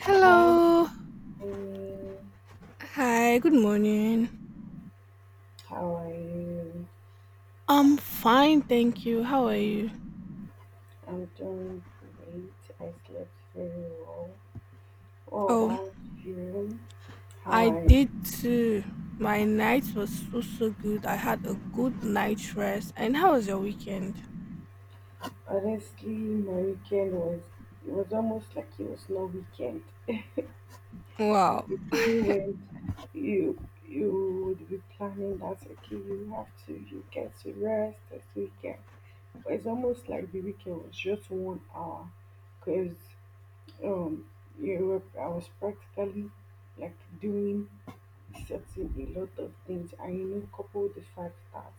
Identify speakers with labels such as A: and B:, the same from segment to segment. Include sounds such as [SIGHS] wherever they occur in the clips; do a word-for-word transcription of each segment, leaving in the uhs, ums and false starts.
A: Hi,
B: Hello.
A: Amy.
B: Hi, good morning.
A: How are you?
B: I'm fine, thank you. How are you?
A: I'm doing great. I slept very well. What
B: Oh,
A: about you? How
B: I
A: are you?
B: did too. My night was so so good. I had a good night rest. And how was your weekend?
A: Honestly, my weekend was it was almost like it was no weekend.
B: Wow.
A: The day when you you would be planning that okay, you have to you get to rest this weekend. But it's almost like the weekend was just one hour, because um, you were, I was practically like doing setting a lot of things, and you know couple the fact that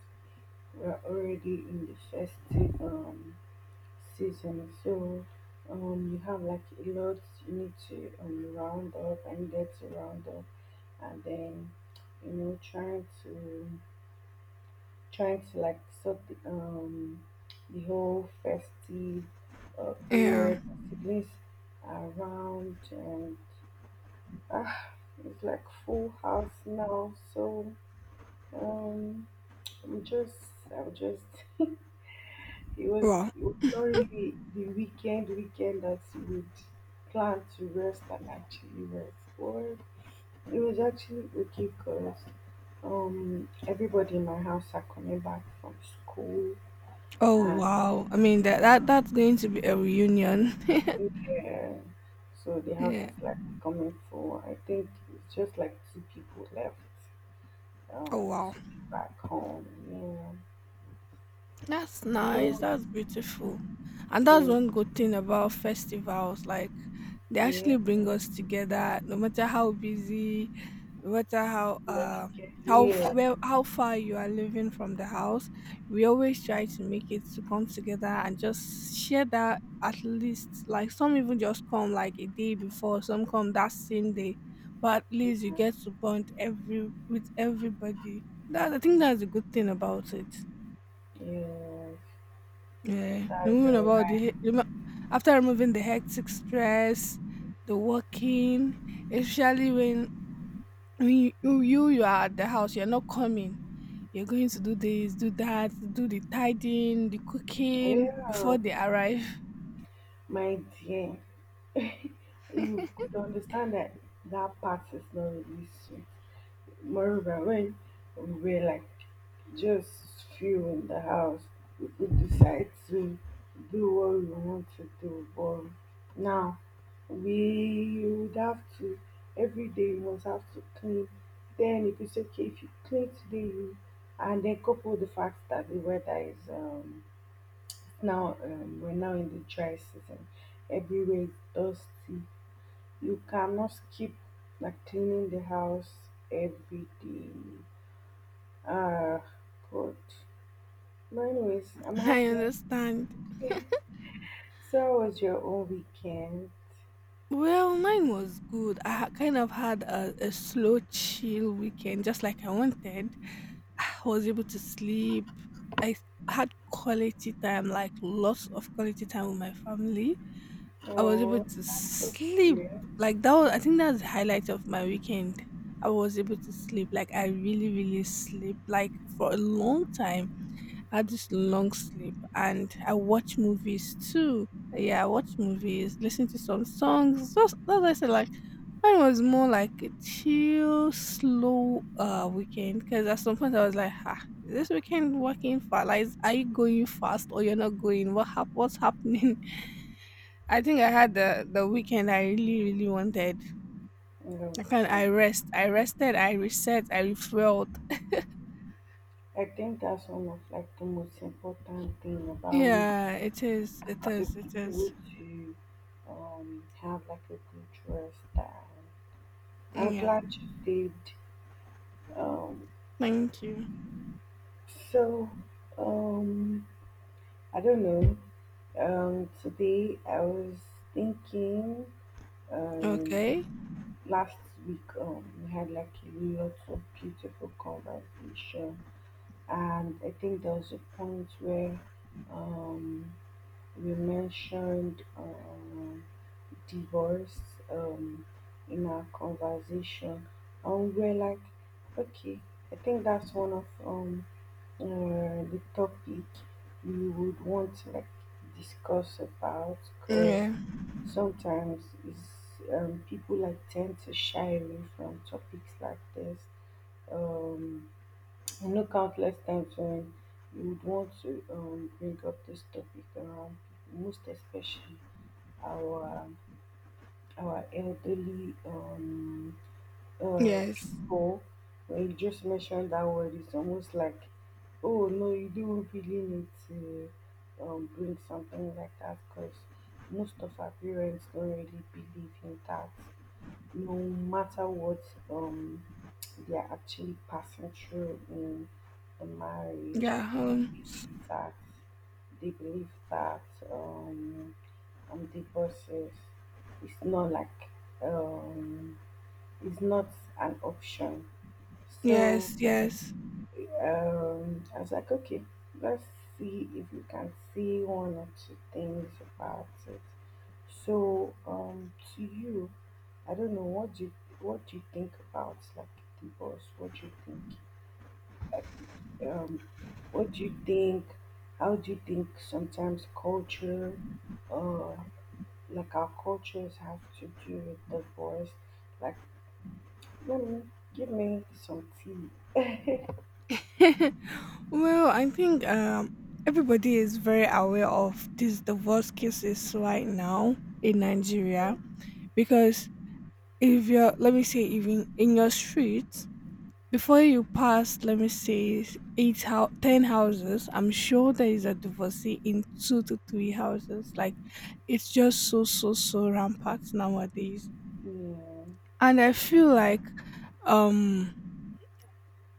A: we're already in the festive um season, so um you have like a lot, you need to um round up and get to round up, and then you know trying to trying to like sort the um the whole festive uh,
B: Yeah.
A: period, siblings around, and ah it's like full house now, so um I'm just, I'm just. It was,
B: Wow.
A: it was not really the weekend, weekend that you would plan to rest and actually rest. Or it was actually okay because um everybody in my house are coming back from school,
B: Oh
A: and
B: wow. I mean that that that's going to be a reunion. [LAUGHS]
A: yeah, so the house
B: Yeah.
A: is like coming full. I think it's just like two people left,
B: Oh
A: um
B: wow.
A: to be back home. Yeah.
B: That's nice.
A: So
B: That's beautiful. And that's
A: think,
B: one good thing about festivals. Like, they
A: yeah,
B: actually bring us together, no matter how busy, no matter how
A: we are
B: uh
A: scared.
B: how f-
A: Yeah.
B: well how far you are living from the house. We always try to make it to come together and just share that, at least like some even just come like a day before, some come that same day. But at least you get to bond every with everybody. That I think that's a good thing about it.
A: Yes,
B: Yeah,
A: that's
B: removing
A: uh,
B: about
A: right.
B: the remo- after removing the hectic stress, the working, especially when when you, you you you are at the house, you're not coming. You're going to do this, do that, do the tidying, the cooking before
A: Yeah,
B: they arrive.
A: my dear, [LAUGHS] you could understand that that part is not really sweet. Moreover, when we were like just few in the house, we could decide to do what we want to do. But now we would have to every day you must have to clean. Then if it's okay if you clean today, you, and then couple the fact that the weather is um now, um, we're now in the dry season. Everywhere is dusty. You cannot keep like cleaning the house every day. Ah, God. But anyways, I'm
B: [LAUGHS] I
A: happy.
B: understand.
A: [LAUGHS] So, how was your own weekend?
B: Well, mine was good. I ha- kind of had a, a slow, chill weekend, just like I wanted. I was able to sleep. I had quality time, like lots of quality time with my family. I was able
A: Oh,
B: to
A: that's so
B: sleep.
A: cute.
B: Like that was, I think that's the highlight of my weekend. I was able to sleep. Like I really, really sleep. Like for a long time had this long sleep, and I watch movies too. Yeah, I watch movies, listen to some songs. Just that's why I said like mine was more like a chill, slow uh weekend. Because at some point I was like, ah, is this weekend working fast? Like, is- are you going fast or you're not going? What hap- What's happening? [LAUGHS] I think I had the the weekend I really really wanted.
A: Okay.
B: I can I rest, I rested, I reset, I refueled.
A: I think that's one of like the most important thing about week
B: Yeah, it is, it
A: to
B: is,
A: be
B: it is.
A: able to um have like a good rest. And I'm
B: Yeah,
A: glad you did. Um,
B: thank you.
A: so, um, I don't know. Um, today I was thinking,
B: Okay.
A: um, last week, um, we had like a lot of beautiful conversation, and I think there was a point where, um, you mentioned um, divorce um, in our conversation, and we're like, okay, I think that's one of um, uh, the topic we would want to like discuss about, because
B: Yeah.
A: sometimes is um, people like tend to shy away from topics like this. Um, I know countless times when you would want to um, bring up this topic around people, most especially our our elderly um, uh,
B: Yes.
A: people. When you just mentioned that word, it's almost like, oh no, you do really need to um, bring something like that, because most of our parents don't really believe in that, no matter what um they are actually passing through in the marriage.
B: Yeah. Um,
A: Believe that They believe that um, um divorces is not like um it's not an option, so
B: yes. Yes.
A: um, I was like, okay, let's see if we can see one or two things about it. So, um, to you, I don't know, what do you what do you think about like divorce? What do you think? Like, um, what do you think? How do you think sometimes culture, uh, like our cultures have to do with divorce? Like, let me give me some tea.
B: [LAUGHS] well, I think um everybody is very aware of these divorce cases right now in
A: Yeah,
B: Nigeria, because if you're, let me say, even in your streets, before you pass, let me say, eight how ten houses, I'm sure there is a divorcee in two to three houses. Like, it's just so so so rampant nowadays.
A: yeah,
B: And I feel like, um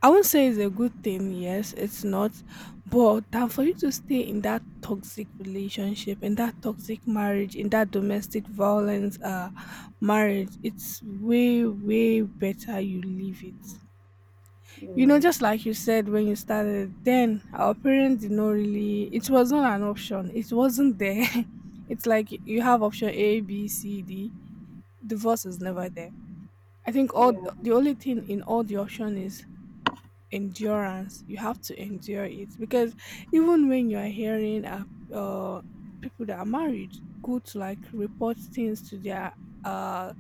B: I won't say it's a good thing, yes, it's not, but than for you to stay in that toxic relationship, in that toxic marriage, in that domestic violence uh marriage, it's way way better you leave it. You know, just like you said, when you started, then our parents did not really, it was not an option, it wasn't there. [LAUGHS] It's like you have option A, B, C, D. Divorce is never there. I think all th-
A: yeah.
B: the only thing in all the option is endurance. You have to endure it. Because even when you are hearing, uh, uh people that are married go to like report things to their uh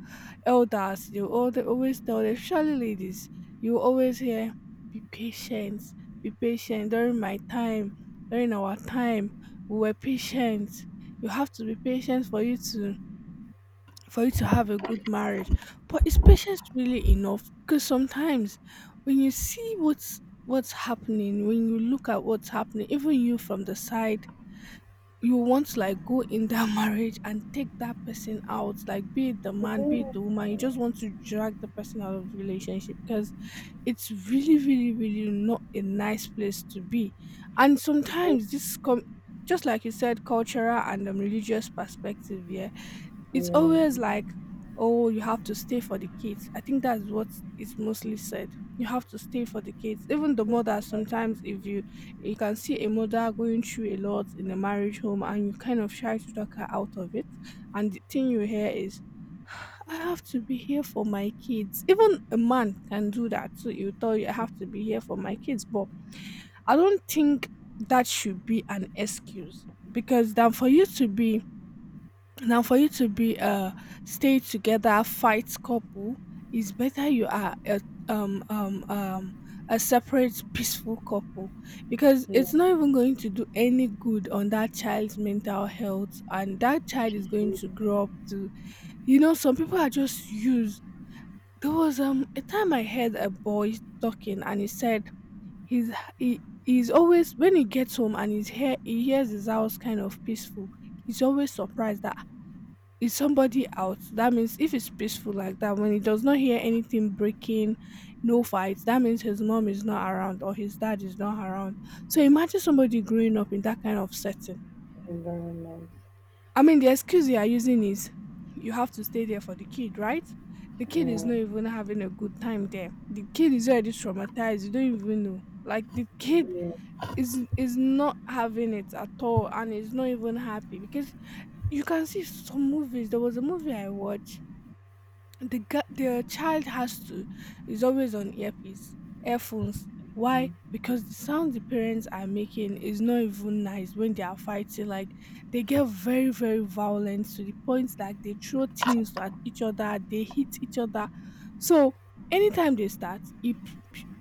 B: elders, you all, they always tell them, surely ladies, you always hear be patient, be patient. During my time, during our time, we were patient. You have to be patient for you to, for you to have a good marriage. But is patience really enough? Because sometimes when you see what's what's happening, when you look at what's happening, even you from the side, you want to like go in that [LAUGHS] marriage and take that person out, like be it the man, be it the
A: Today
B: woman, you just want to drag the person out of the relationship because it's really, really, really not a nice place to be. And
A: we look
B: sometimes this com just like you said, cultural and um, religious perspective, yeah, it's always
A: in
B: like, oh, you have to stay for the kids. I think that's what is mostly said. You have to stay for the kids. Even the mother sometimes, if you, you can see a mother going through a lot in a marriage home, and you kind of try to talk her out of it. And the thing you hear is, I have to be here for my kids. Even a man can do that too. You tell you, I have to be here for my kids. But I don't think that should be an excuse. Because then for you to be now, for you to be a stay together fight couple, it's better you are a um um um a separate peaceful couple, because
A: heat
B: it's not even going to do any good on that child's mental health, and that child is going
A: food
B: to grow up to, you know, some people are just used. There was um a time I heard a boy talking, and he said he's he, he's always, when he gets home and he's here, he hears his house kind of peaceful. He's always surprised that is somebody out. That means if it's peaceful like that, when he does not hear anything breaking, no fights, that means his mom is not around or his dad is not around. So imagine somebody growing up in that kind of setting.
A: environments,
B: I mean, the excuse you are using is you have to stay there for the kid, right? The kid is
A: and
B: not even having a good time there. The kid is already traumatized. You don't even know, like, the kid
A: yeah,
B: is is not having it at all, and is not even happy. Because you can see some movies, there was a movie I watched, the ga- the child has to, is always on earpiece, earphones. Why?
A: mhm,
B: Because the sound the parents are making is not even nice when they are fighting. Like, they get very very violent to the point that they throw things at each other, they hit each other. So anytime they start it,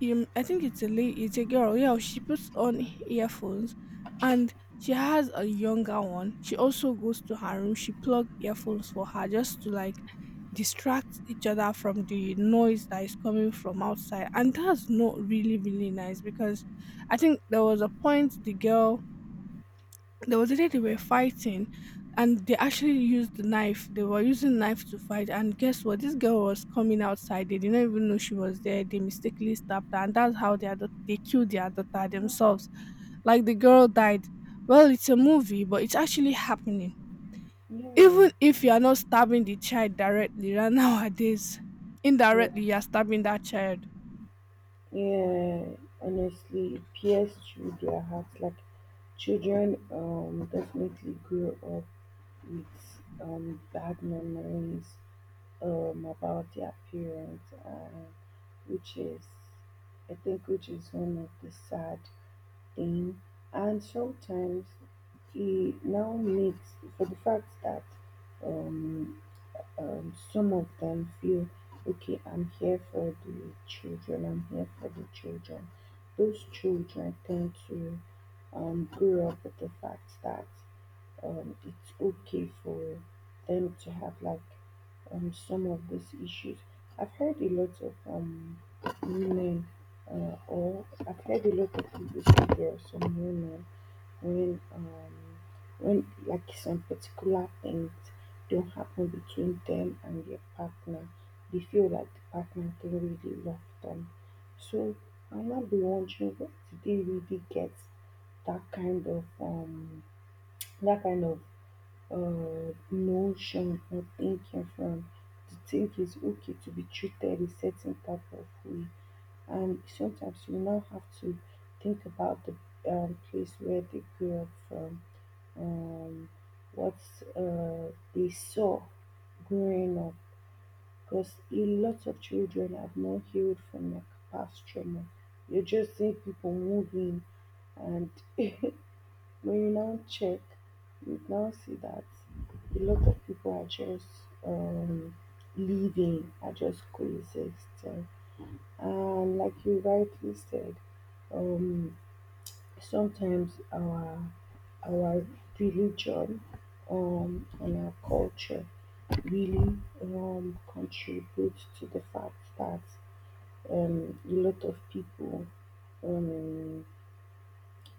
B: um, I think it's a lady, it's a girl, yeah, she puts on earphones. And she has a younger one, she also goes to her room, she plugged earphones for her just to like distract each other from the noise that is coming from outside. And that's not really really nice. Because I think there was a point the girl, there was a day they were fighting, and they actually used the knife, they were using knife to fight, and guess what, this girl was coming outside, they didn't even know she was there, they mistakenly stabbed her, and that's how they, adop- they killed their daughter themselves. Like, the girl died. Well, it's a movie, but it's actually happening.
A: yeah,
B: Even if you are not stabbing the child directly, right? [LAUGHS] Nowadays,
A: yeah,
B: indirectly you are stabbing that child.
A: yeah. Honestly, it peers through their hearts. Like children, um, definitely grow up with um bad memories um about their parents, uh, which is, I think, which is one of the sad in, and sometimes he now makes for the fact that um, um, some of them feel okay, i'm here for the children I'm here for the children. Those children tend to um, grow up with the fact that um, it's okay for them to have like um, some of these issues. I've heard a lot of um, women, uh, or I've heard a lot of people say there are some women when um, when like some particular things don't happen between them and their partner, they feel like the partner don't really love them. So I might be wondering, what do they really get that kind of um that kind of uh, notion or thinking from, to think it's okay to be treated a certain type of way. And sometimes you now have to think about the um, place where they grew up from, um, what uh, they saw growing up. Because a lot of children have not healed from their past trauma. You just see people moving, and [LAUGHS] when you now check, you now see that a lot of people are just um, living, are just coexisting. And like you rightly said, um, sometimes our our religion um, and our culture really um, contributes to the fact that um, a lot of people um,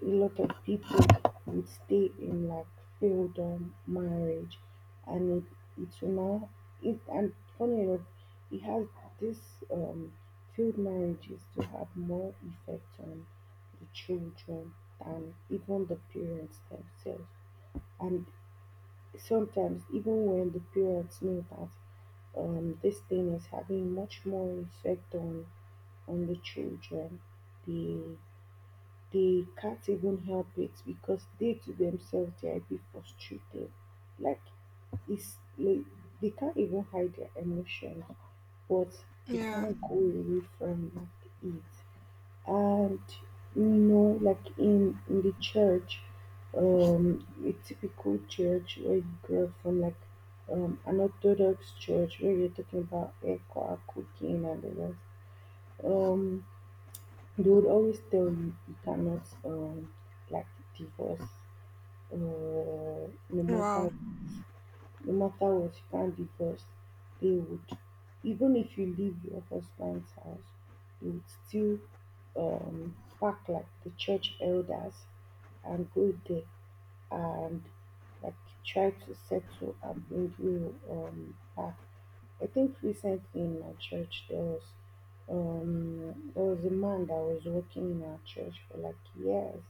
A: a lot of people would stay in like failed um, marriage, and it, it will now it and funny enough it has this um failed marriages to have more effect on the children than even the parents themselves. And sometimes even when the parents know that um this thing is having much more effect on on the children, they they can't even help it, because they to themselves they are a bit frustrated. Like, it's like, they can't even hide their emotions, but they
B: Yeah.
A: can't go away from like it. And you know, like in, in the church, um, a typical church where you grow up from, like um, an Orthodox church where you're talking about air cooking and the rest. Um, they would always tell you you cannot um like divorce, uh, no
B: Wow.
A: matter no matter what, you can't divorce. They would Even if you leave your husband's house, they would still um pack like the church elders and go there and like try to settle and bring you um back. I think recently in my church there was, um there was a man that was working in our church for like years.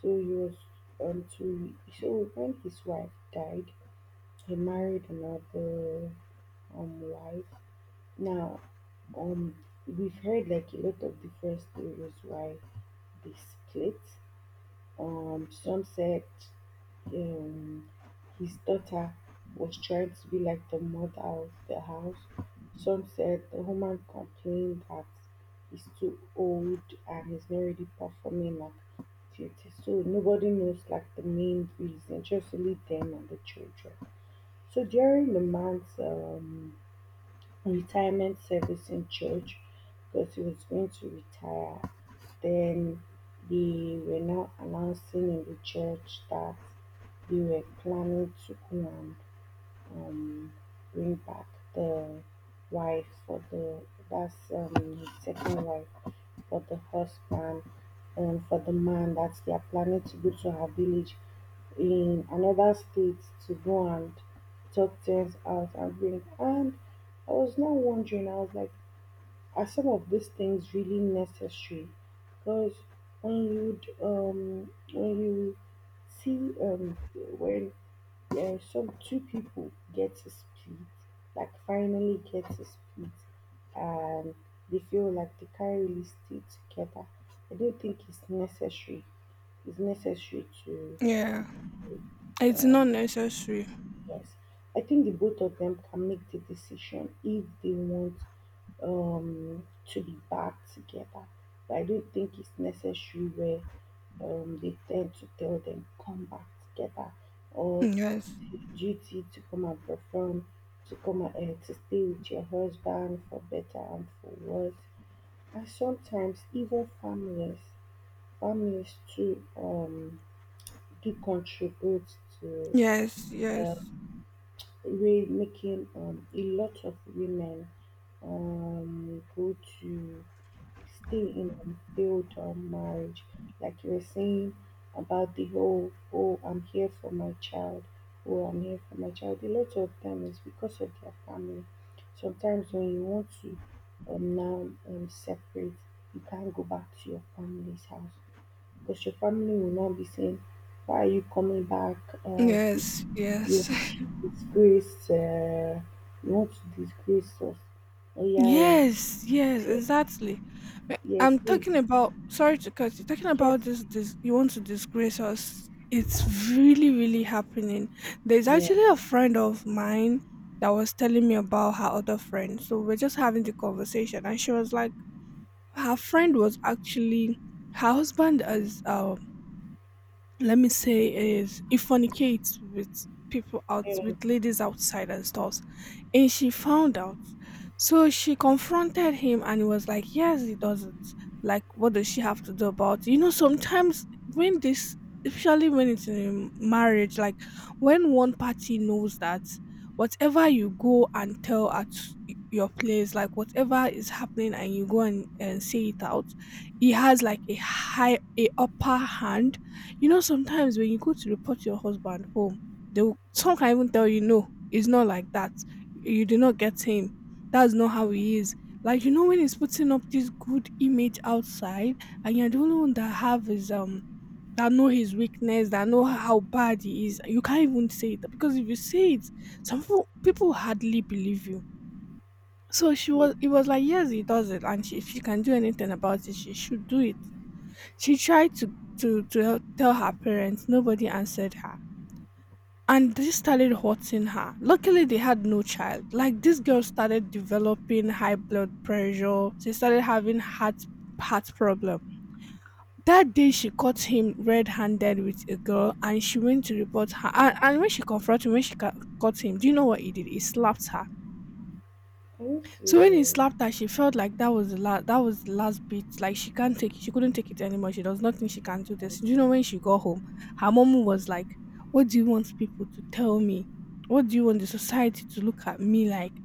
A: So he was um to so when his wife died, he married another um wife. Now um we've heard like a lot of different stories why they split. Um some said um, his daughter was trying to be like the mother of the house. Some said the woman complained that he's too old and he's not really performing like duty. So nobody knows like the main reason, just only them and the children. So during the months, um, retirement service in church, because he was going to retire. Then they were now announcing in the church that they were planning to go and um, bring back the wife for the that's, um, his second wife for the husband, and for the man, that they are planning to go to her village in another state to go and talk things out and bring. And I was now wondering, I was like, are some of these things really necessary? Because when you'd um when you see, um when uh, some two people get to split, like finally get to split, and they feel like they can't really stay together. I don't think it's necessary it's necessary to
B: Yeah. It's not
A: um,
B: necessary.
A: yes. I think the both of them can make the decision if they want, um, to be back together. But I don't think it's necessary where, um, they tend to tell them come back together, or
B: Yes.
A: "It's duty to come and perform, to come and uh, to stay with your husband for better and for worse." And sometimes even families, families too. Um, He contribute to
B: Yes. Yes.
A: um, re- making um, a lot of women um, go to stay in unfilled um, marriage. Like you were saying about the whole, oh, I'm here for my child, oh, I'm here for my child. A lot of them is because of their family. Sometimes when you want to um, now um, separate, you can't go back to your family's house, because your family will not be saying, "Why are you coming back? Uh, he,
B: Yes.
A: you
B: Yes.
A: want
B: [LAUGHS]
A: to disgrace, uh, you want to disgrace us." Oh, yeah, oh,
B: Yes, yes,
A: yeah,
B: exactly. But
A: yes,
B: I'm
A: we
B: talking about, sorry to cut you, talking
A: yes,
B: about this, this, you want to disgrace us. It's really, really happening. There's
A: yeah,
B: actually a friend of mine that was telling me about her other friend. So we're just having the conversation, and she was like, her friend was actually, her husband is, um let me say, is, he fornicates with people out,
A: yeah,
B: with ladies outside and stuff. And she found out, so she confronted him, and he was like, yes, he does it, like, what does she have to do about it? You know, sometimes when this, especially when it's in a marriage, like, when one party knows that whatever you go and tell at y- your place, like whatever is happening, and you go and, and say it out, he has like a high a upper hand. You know, sometimes when you go to report your husband home, they will, some can even tell you, no, it's not like that. You did not get him. That's not how he is. Like, you know, when he's putting up this good image outside, and you're the only one that have his um, that know his weakness, that know how bad he is, you can't even say it, because if you say it, some people people hardly believe you. So she
A: yeah.
B: was, it was like, yes, he does it, and she, if she can do anything about it, she should do it. She tried to to to hel- tell her parents. Nobody answered her, and this started hurting her. Luckily, they had no child. Like, this girl started developing high blood pressure. She started having heart heart problem. That day, she caught him red-handed with a girl, and she went to report her. And, and when she confronted him, when she ca- caught him, do you know what he did? He slapped her.
A: Are you
B: So when he
A: serious?
B: slapped her, she felt like that was the last that was the last bit. Like, she can't take it. She couldn't take it anymore. She does not think she
A: Yeah,
B: can do this. Do
A: yeah,
B: you know when she got home, her mom was like, "What do you want people to tell me? What do you want the society to look at me like?"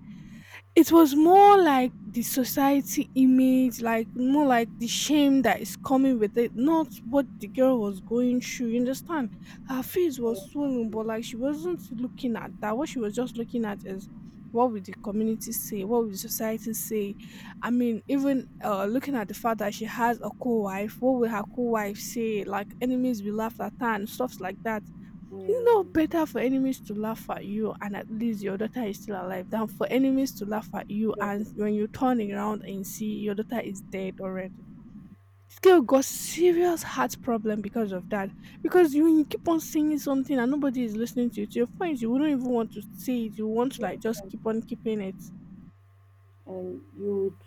B: It was more like the society image, like more like the shame that is coming with it, not what the girl was going through. You understand? Her face was
A: yeah,
B: swollen, but like she wasn't looking at that. What she was just looking at is what would the community say? What would the society say? I mean, even uh, looking at the fact that she has a co wife, what will her co wife say? Like, enemies will laugh at her and stuff like that. It's not
A: yeah,
B: better for enemies to laugh at you and at least your daughter is still alive than for enemies to laugh at you
A: yeah,
B: and when you turn around and see your daughter is dead already. This girl got serious heart problem because of that. Because you, you keep on saying something and nobody is listening to you. To your point, you wouldn't even want to say it. You want to
A: yeah.
B: like just keep on keeping it.
A: And you would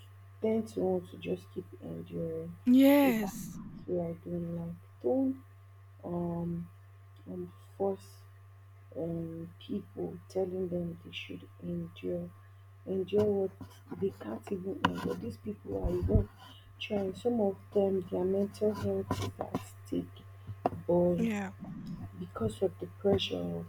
A: tend to want to just keep enduring. Is that
B: Yes.
A: what I don't like? Don't um um force um, people, telling them they should endure, endure what they can't even endure. These people are even trying. Some of them, their mental health is at stake, but
B: Yeah.
A: because of the pressure of,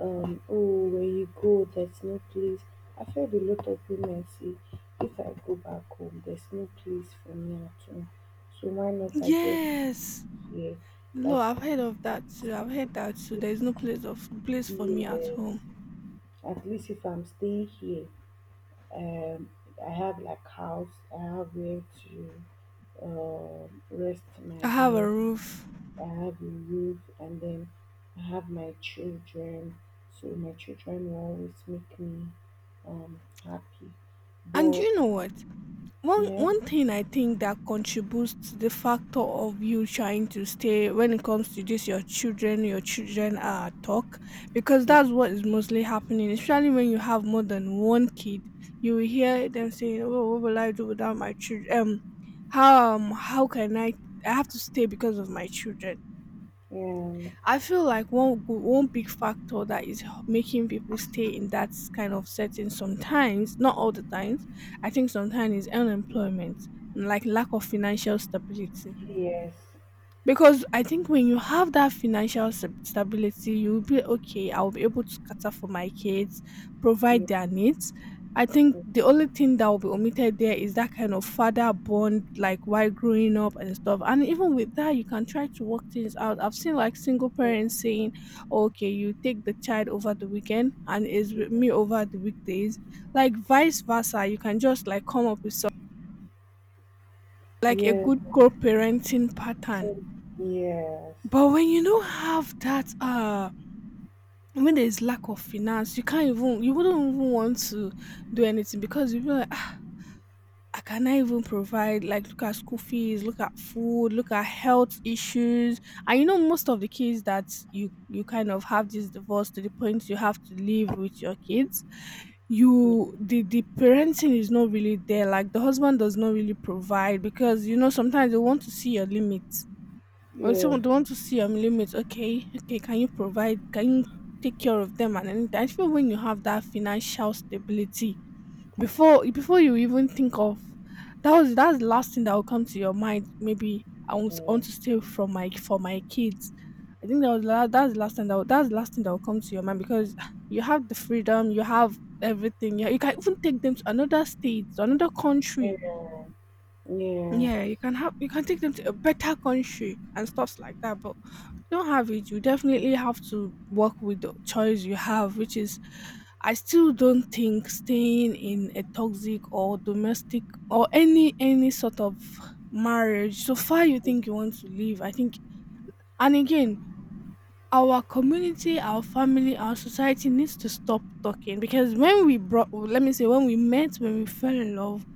A: um, oh, where you go, there's no place. I've heard a lot of women say, if I go back home, there's no place for me at home. So why not I just
B: Yes.
A: stay here?
B: No,
A: Like,
B: I've heard of that too. I've heard that too. There's no place of place for me at
A: yes,
B: home.
A: at least if I'm staying here, Um, I have like house. I have where to um rest my
B: I have a
A: head.
B: roof.
A: I have a roof, and then I have my children. So my children will always make me um happy.
B: And
A: But
B: you know what? One
A: yeah,
B: one thing I think that contributes to the factor of you trying to stay when it comes to this your children your children uh, talk because
A: yeah,
B: that's what is mostly happening, especially when you have more than one kid. You will hear them saying, oh, what will I do without my children, um how, um how can I I have to stay because of my children.
A: um,
B: I feel like one go- one big factor that is h- making people stay in that kind of setting sometimes, not all the times, I think sometimes is unemployment, like lack of financial stability,
A: yes,
B: because I think when you have that financial stab- stability, you'll be okay. I'll be able to cater for my kids, provide
A: yeah,
B: their needs. I think
A: yeah,
B: the only thing that will be omitted there is that kind of father bond, like while growing up and stuff. And even with that, you can try to work things out. I've seen like single
A: yeah,
B: parents saying, "Oh, okay, you take the child over the weekend and is with me
A: yes,
B: over the weekdays. Like vice versa," you can just like come up with some,
A: yeah,
B: like a
A: yeah,
B: good
A: yeah,
B: co parenting pattern. But when you don't have that, uh, when there's lack of finance, you can't even, you wouldn't even want to do anything because you be like, ah, I cannot even provide, like, look at school fees, look at food, look at health issues. And you know, most of the kids that you, you kind of have this divorce to the point you have to live with your kids, you, the, the parenting is not really there. Like, the husband does not really provide because, you know, sometimes they want to see your limits, or if someone don't want to see your limits. Okay, okay. Can you provide? Can you take care of them? And any time? I feel when you have that financial stability, before before you even think of that was that's the last thing that will come to your mind. Maybe I want, I want to stay from my for my kids. I think that was la- that's the last thing that will, that's the last thing that will come to your mind because you have the freedom, you have everything. Yeah, you can even take them to another state, to another country.
A: yeah,
B: Yeah, you can have you can take them to a better country and stuffs like that, but you don't have it. You definitely have to work with the choice you have, which is I still don't think staying in a toxic or domestic or any any sort of marriage, so far you think you want to leave? I think, and again, our community, our family, our society needs to stop talking because when we brought let me say, when we met, when we fell in love,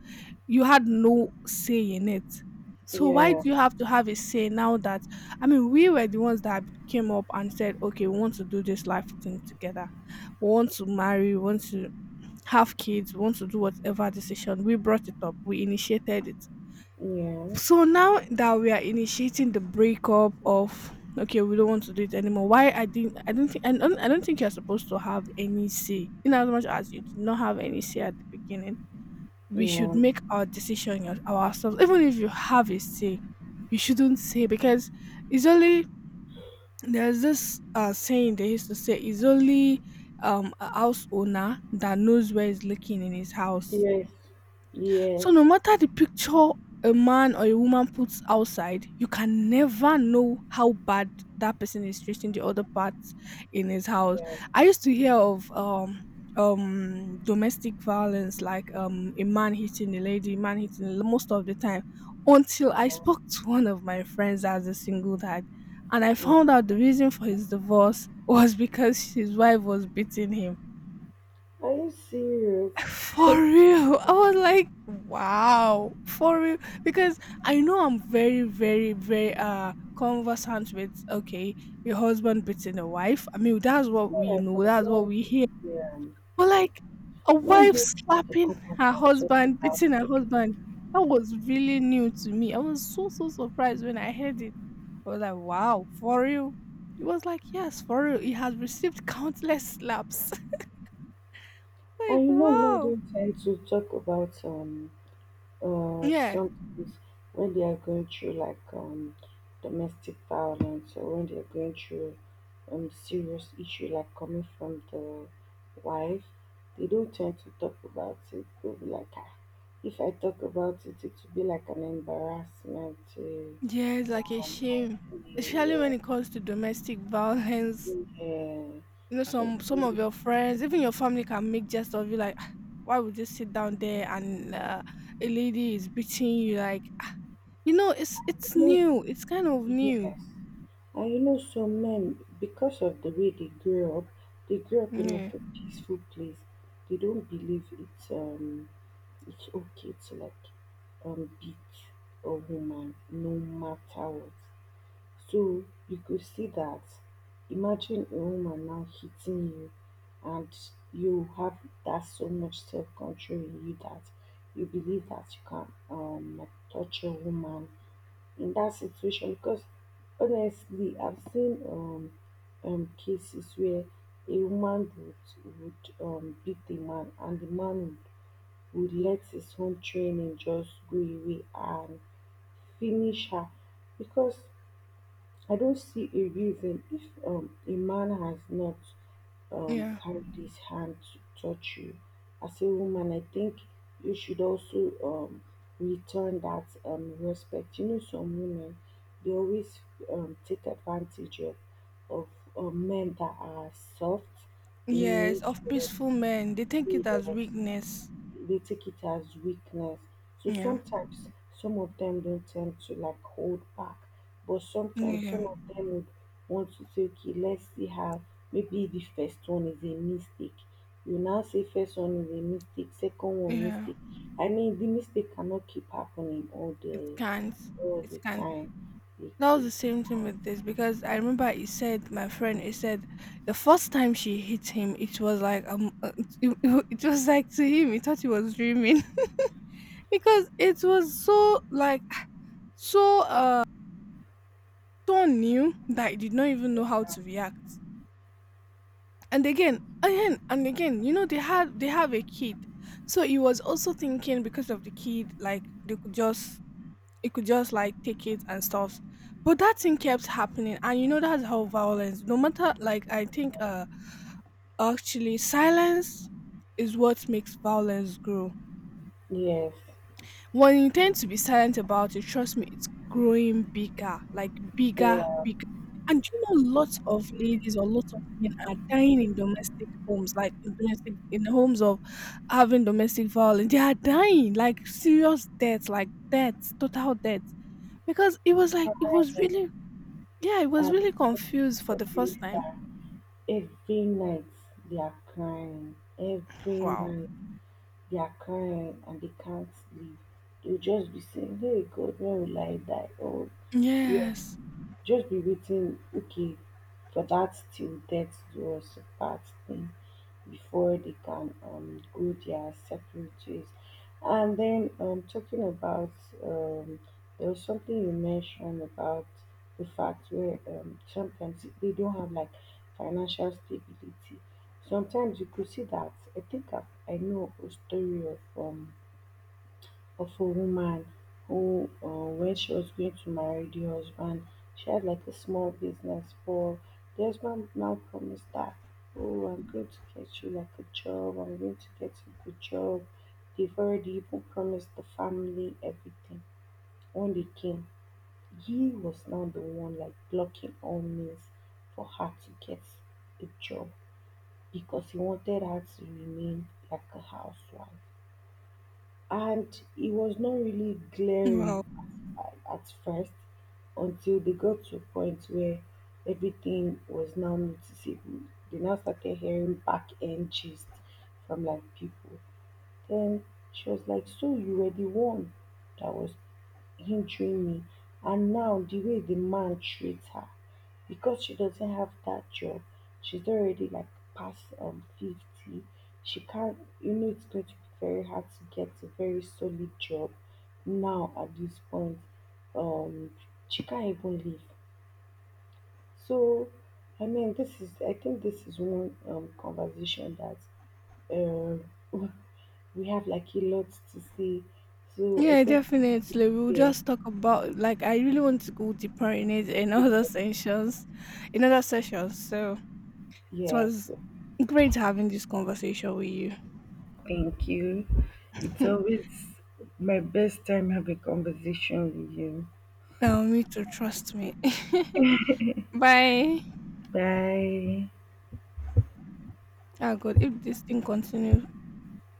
B: you had no say in it. So why do
A: yeah,
B: you have to have a say now that, I mean, we were the ones that came up and said, okay, we want to do this life thing together. We want to marry, we want to have kids, we want to do whatever decision. We brought it up, we initiated it.
A: yeah. Yeah.
B: So now that we are initiating the breakup of, okay, we don't want to do it anymore. Why I didn't I don't think I don't, I don't think you're supposed to have any say. In as much as you did not have any say at the beginning, we should
A: Yeah.
B: make our decision your- ourselves. Even if you have a say, you shouldn't say because it's only, there's this uh, saying they used to say, it's only um a house owner that knows where he's looking in his house.
A: Yes.
B: So
A: Yes.
B: no matter the picture a man or a woman puts outside, you can never know how bad that person is treating the other parts in his house.
A: Yeah.
B: I used to hear of um um domestic violence, like um a man hitting a lady, man hitting a l- most of the time, until I spoke to one of my friends as a single dad, and I found out
A: Mm.
B: the reason for his divorce was because his wife was beating him,
A: Are you serious?
B: for
A: Like,
B: real. I was like, wow. For real. Because I know I'm very, very, very uh conversant with, okay, your husband beating a wife. I mean, that's what we
A: yeah,
B: know,
A: but
B: that's what
A: like,
B: we hear.
A: yeah.
B: But like a
A: Men
B: wife
A: don't talk
B: slapping
A: about
B: her
A: and talk
B: husband,
A: about.
B: beating her husband. That was really new to me. I was so so surprised when I heard it. I was like, wow, for real. It was like, yes, for real. He has received countless slaps. [LAUGHS] Like,
A: And you know, men
B: wow.
A: don't tend to talk about um uh,
B: Yeah.
A: sometimes when they are going through like um, domestic violence or when they are going through um, serious issue like coming from the wife, they don't tend to talk about it. They'll be like, ah, if I talk about it, it will be like an embarrassment to
B: Yes, like a
A: my
B: shame, especially when
A: family.
B: it comes to domestic violence.
A: Yeah,
B: [LAUGHS]
A: yeah.
B: You know,
A: So,
B: some some of your friends, even your family, can make jest of you. Like, "Ah, why would you sit down there and uh, a lady is beating you? Like, ah." You know, it's it's new. It's kind of new.
A: yes. And you know, some men, because of the way they grew up, they grew up in
B: Yeah,
A: like a peaceful place. They don't believe it's um it's okay to like um beat a woman no matter what. So you could see that. Imagine a woman now hitting you, and you have that so much self control in you that you believe that you can um like touch a woman in that situation because honestly I've seen um um cases where a woman would would um beat the man and the man would let his own training just go away and finish her because I don't see a reason if um a man has not um,
B: yeah,
A: carry this hand to touch you. As a woman, I think you should also um, return that um, respect. You know, some women they always um, take advantage of of um, men that are soft in
B: yes. Of
A: nature.
B: peaceful men, they take it as
A: Yes,
B: weakness.
A: they take it as weakness. So
B: Yeah,
A: sometimes some of them don't tend to like hold back, but sometimes
B: yeah,
A: some of them would want to say, okay, let's see how maybe the first one is a mistake. You now say first one is a mistake, second one
B: yeah.
A: mistake. I mean the mistake cannot keep happening all
B: It
A: the
B: can't.
A: all
B: It
A: the
B: can't.
A: time. It,
B: That was
A: it
B: the same thing
A: adds-
B: with this because I remember he said, my friend, he said the first time she hit him, it was like um uh, it, [LAUGHS] it it was like, to him, he thought he was dreaming [LAUGHS] because it was so like [SIGHS] so uh so new that he did not even know how to react, and again again and again, you know, they had they have a kid, so he was also thinking because of the kid, like they could just, it could just like take it and stuff. But that thing kept happening, and you know that's how violence. No matter, like, I think uh actually silence is what makes violence grow.
A: yes,
B: When you tend to be silent about it, trust me, it's growing bigger, like bigger,
A: yeah.
B: bigger. And you know, lots of ladies or lots of men are dying in domestic homes, like in domestic in the homes of having domestic violence. They are dying, like serious deaths, like deaths, total deaths because it was like it was
A: And
B: really, yeah, I was
A: I've
B: really confused for
A: told
B: the
A: you
B: first time.
A: that every night they are crying. Every
B: Wow.
A: night. They are crying and they can't leave. They'll just be saying, Hey God, when will I die? Oh yeah,
B: Yes.
A: just be waiting okay for that till death do us part thing before they can um go their separate ways. And then um talking about um there was something you mentioned about the fact where um sometimes they don't have like financial stability. Sometimes you could see that I think I, I know a story of um of a woman who um wen she was going to marry the husband she had like a small business for. The husband now promised her, oh, I'm going to get you like a job, I'm going to get you a good job. They've already even promised the family everything. When they came, he was now the one like blocking all means for her to get a job, because he wanted her to remain like a housewife, and it was not really
B: Wow.
A: glaring at, at first, until they got to a point where everything was now noticeable. They now started hearing back end gist from like people. Then she was like, so you were the one that was hindering me. And now the way the man treats her, because she doesn't have that job, she's already like past um fifty. She can't, you know, it's going to be very hard to get a very solid job now at this point. Um, she can't even live. So, I mean, this is, I think this is one um, conversation that um we have like a lot to say. So I
B: Yeah,
A: think
B: definitely. We'll
A: yes,
B: just talk about, like, I really want to go deeper in it in [LAUGHS] other sessions, in other sessions. So it
A: yes.
B: was
A: So,
B: great having this conversation with you.
A: thank you. It's
B: [LAUGHS]
A: always my best time having conversation with you.
B: Now me too. Trust me. [LAUGHS] Bye.
A: Bye.
B: Ah, God, if this thing continues.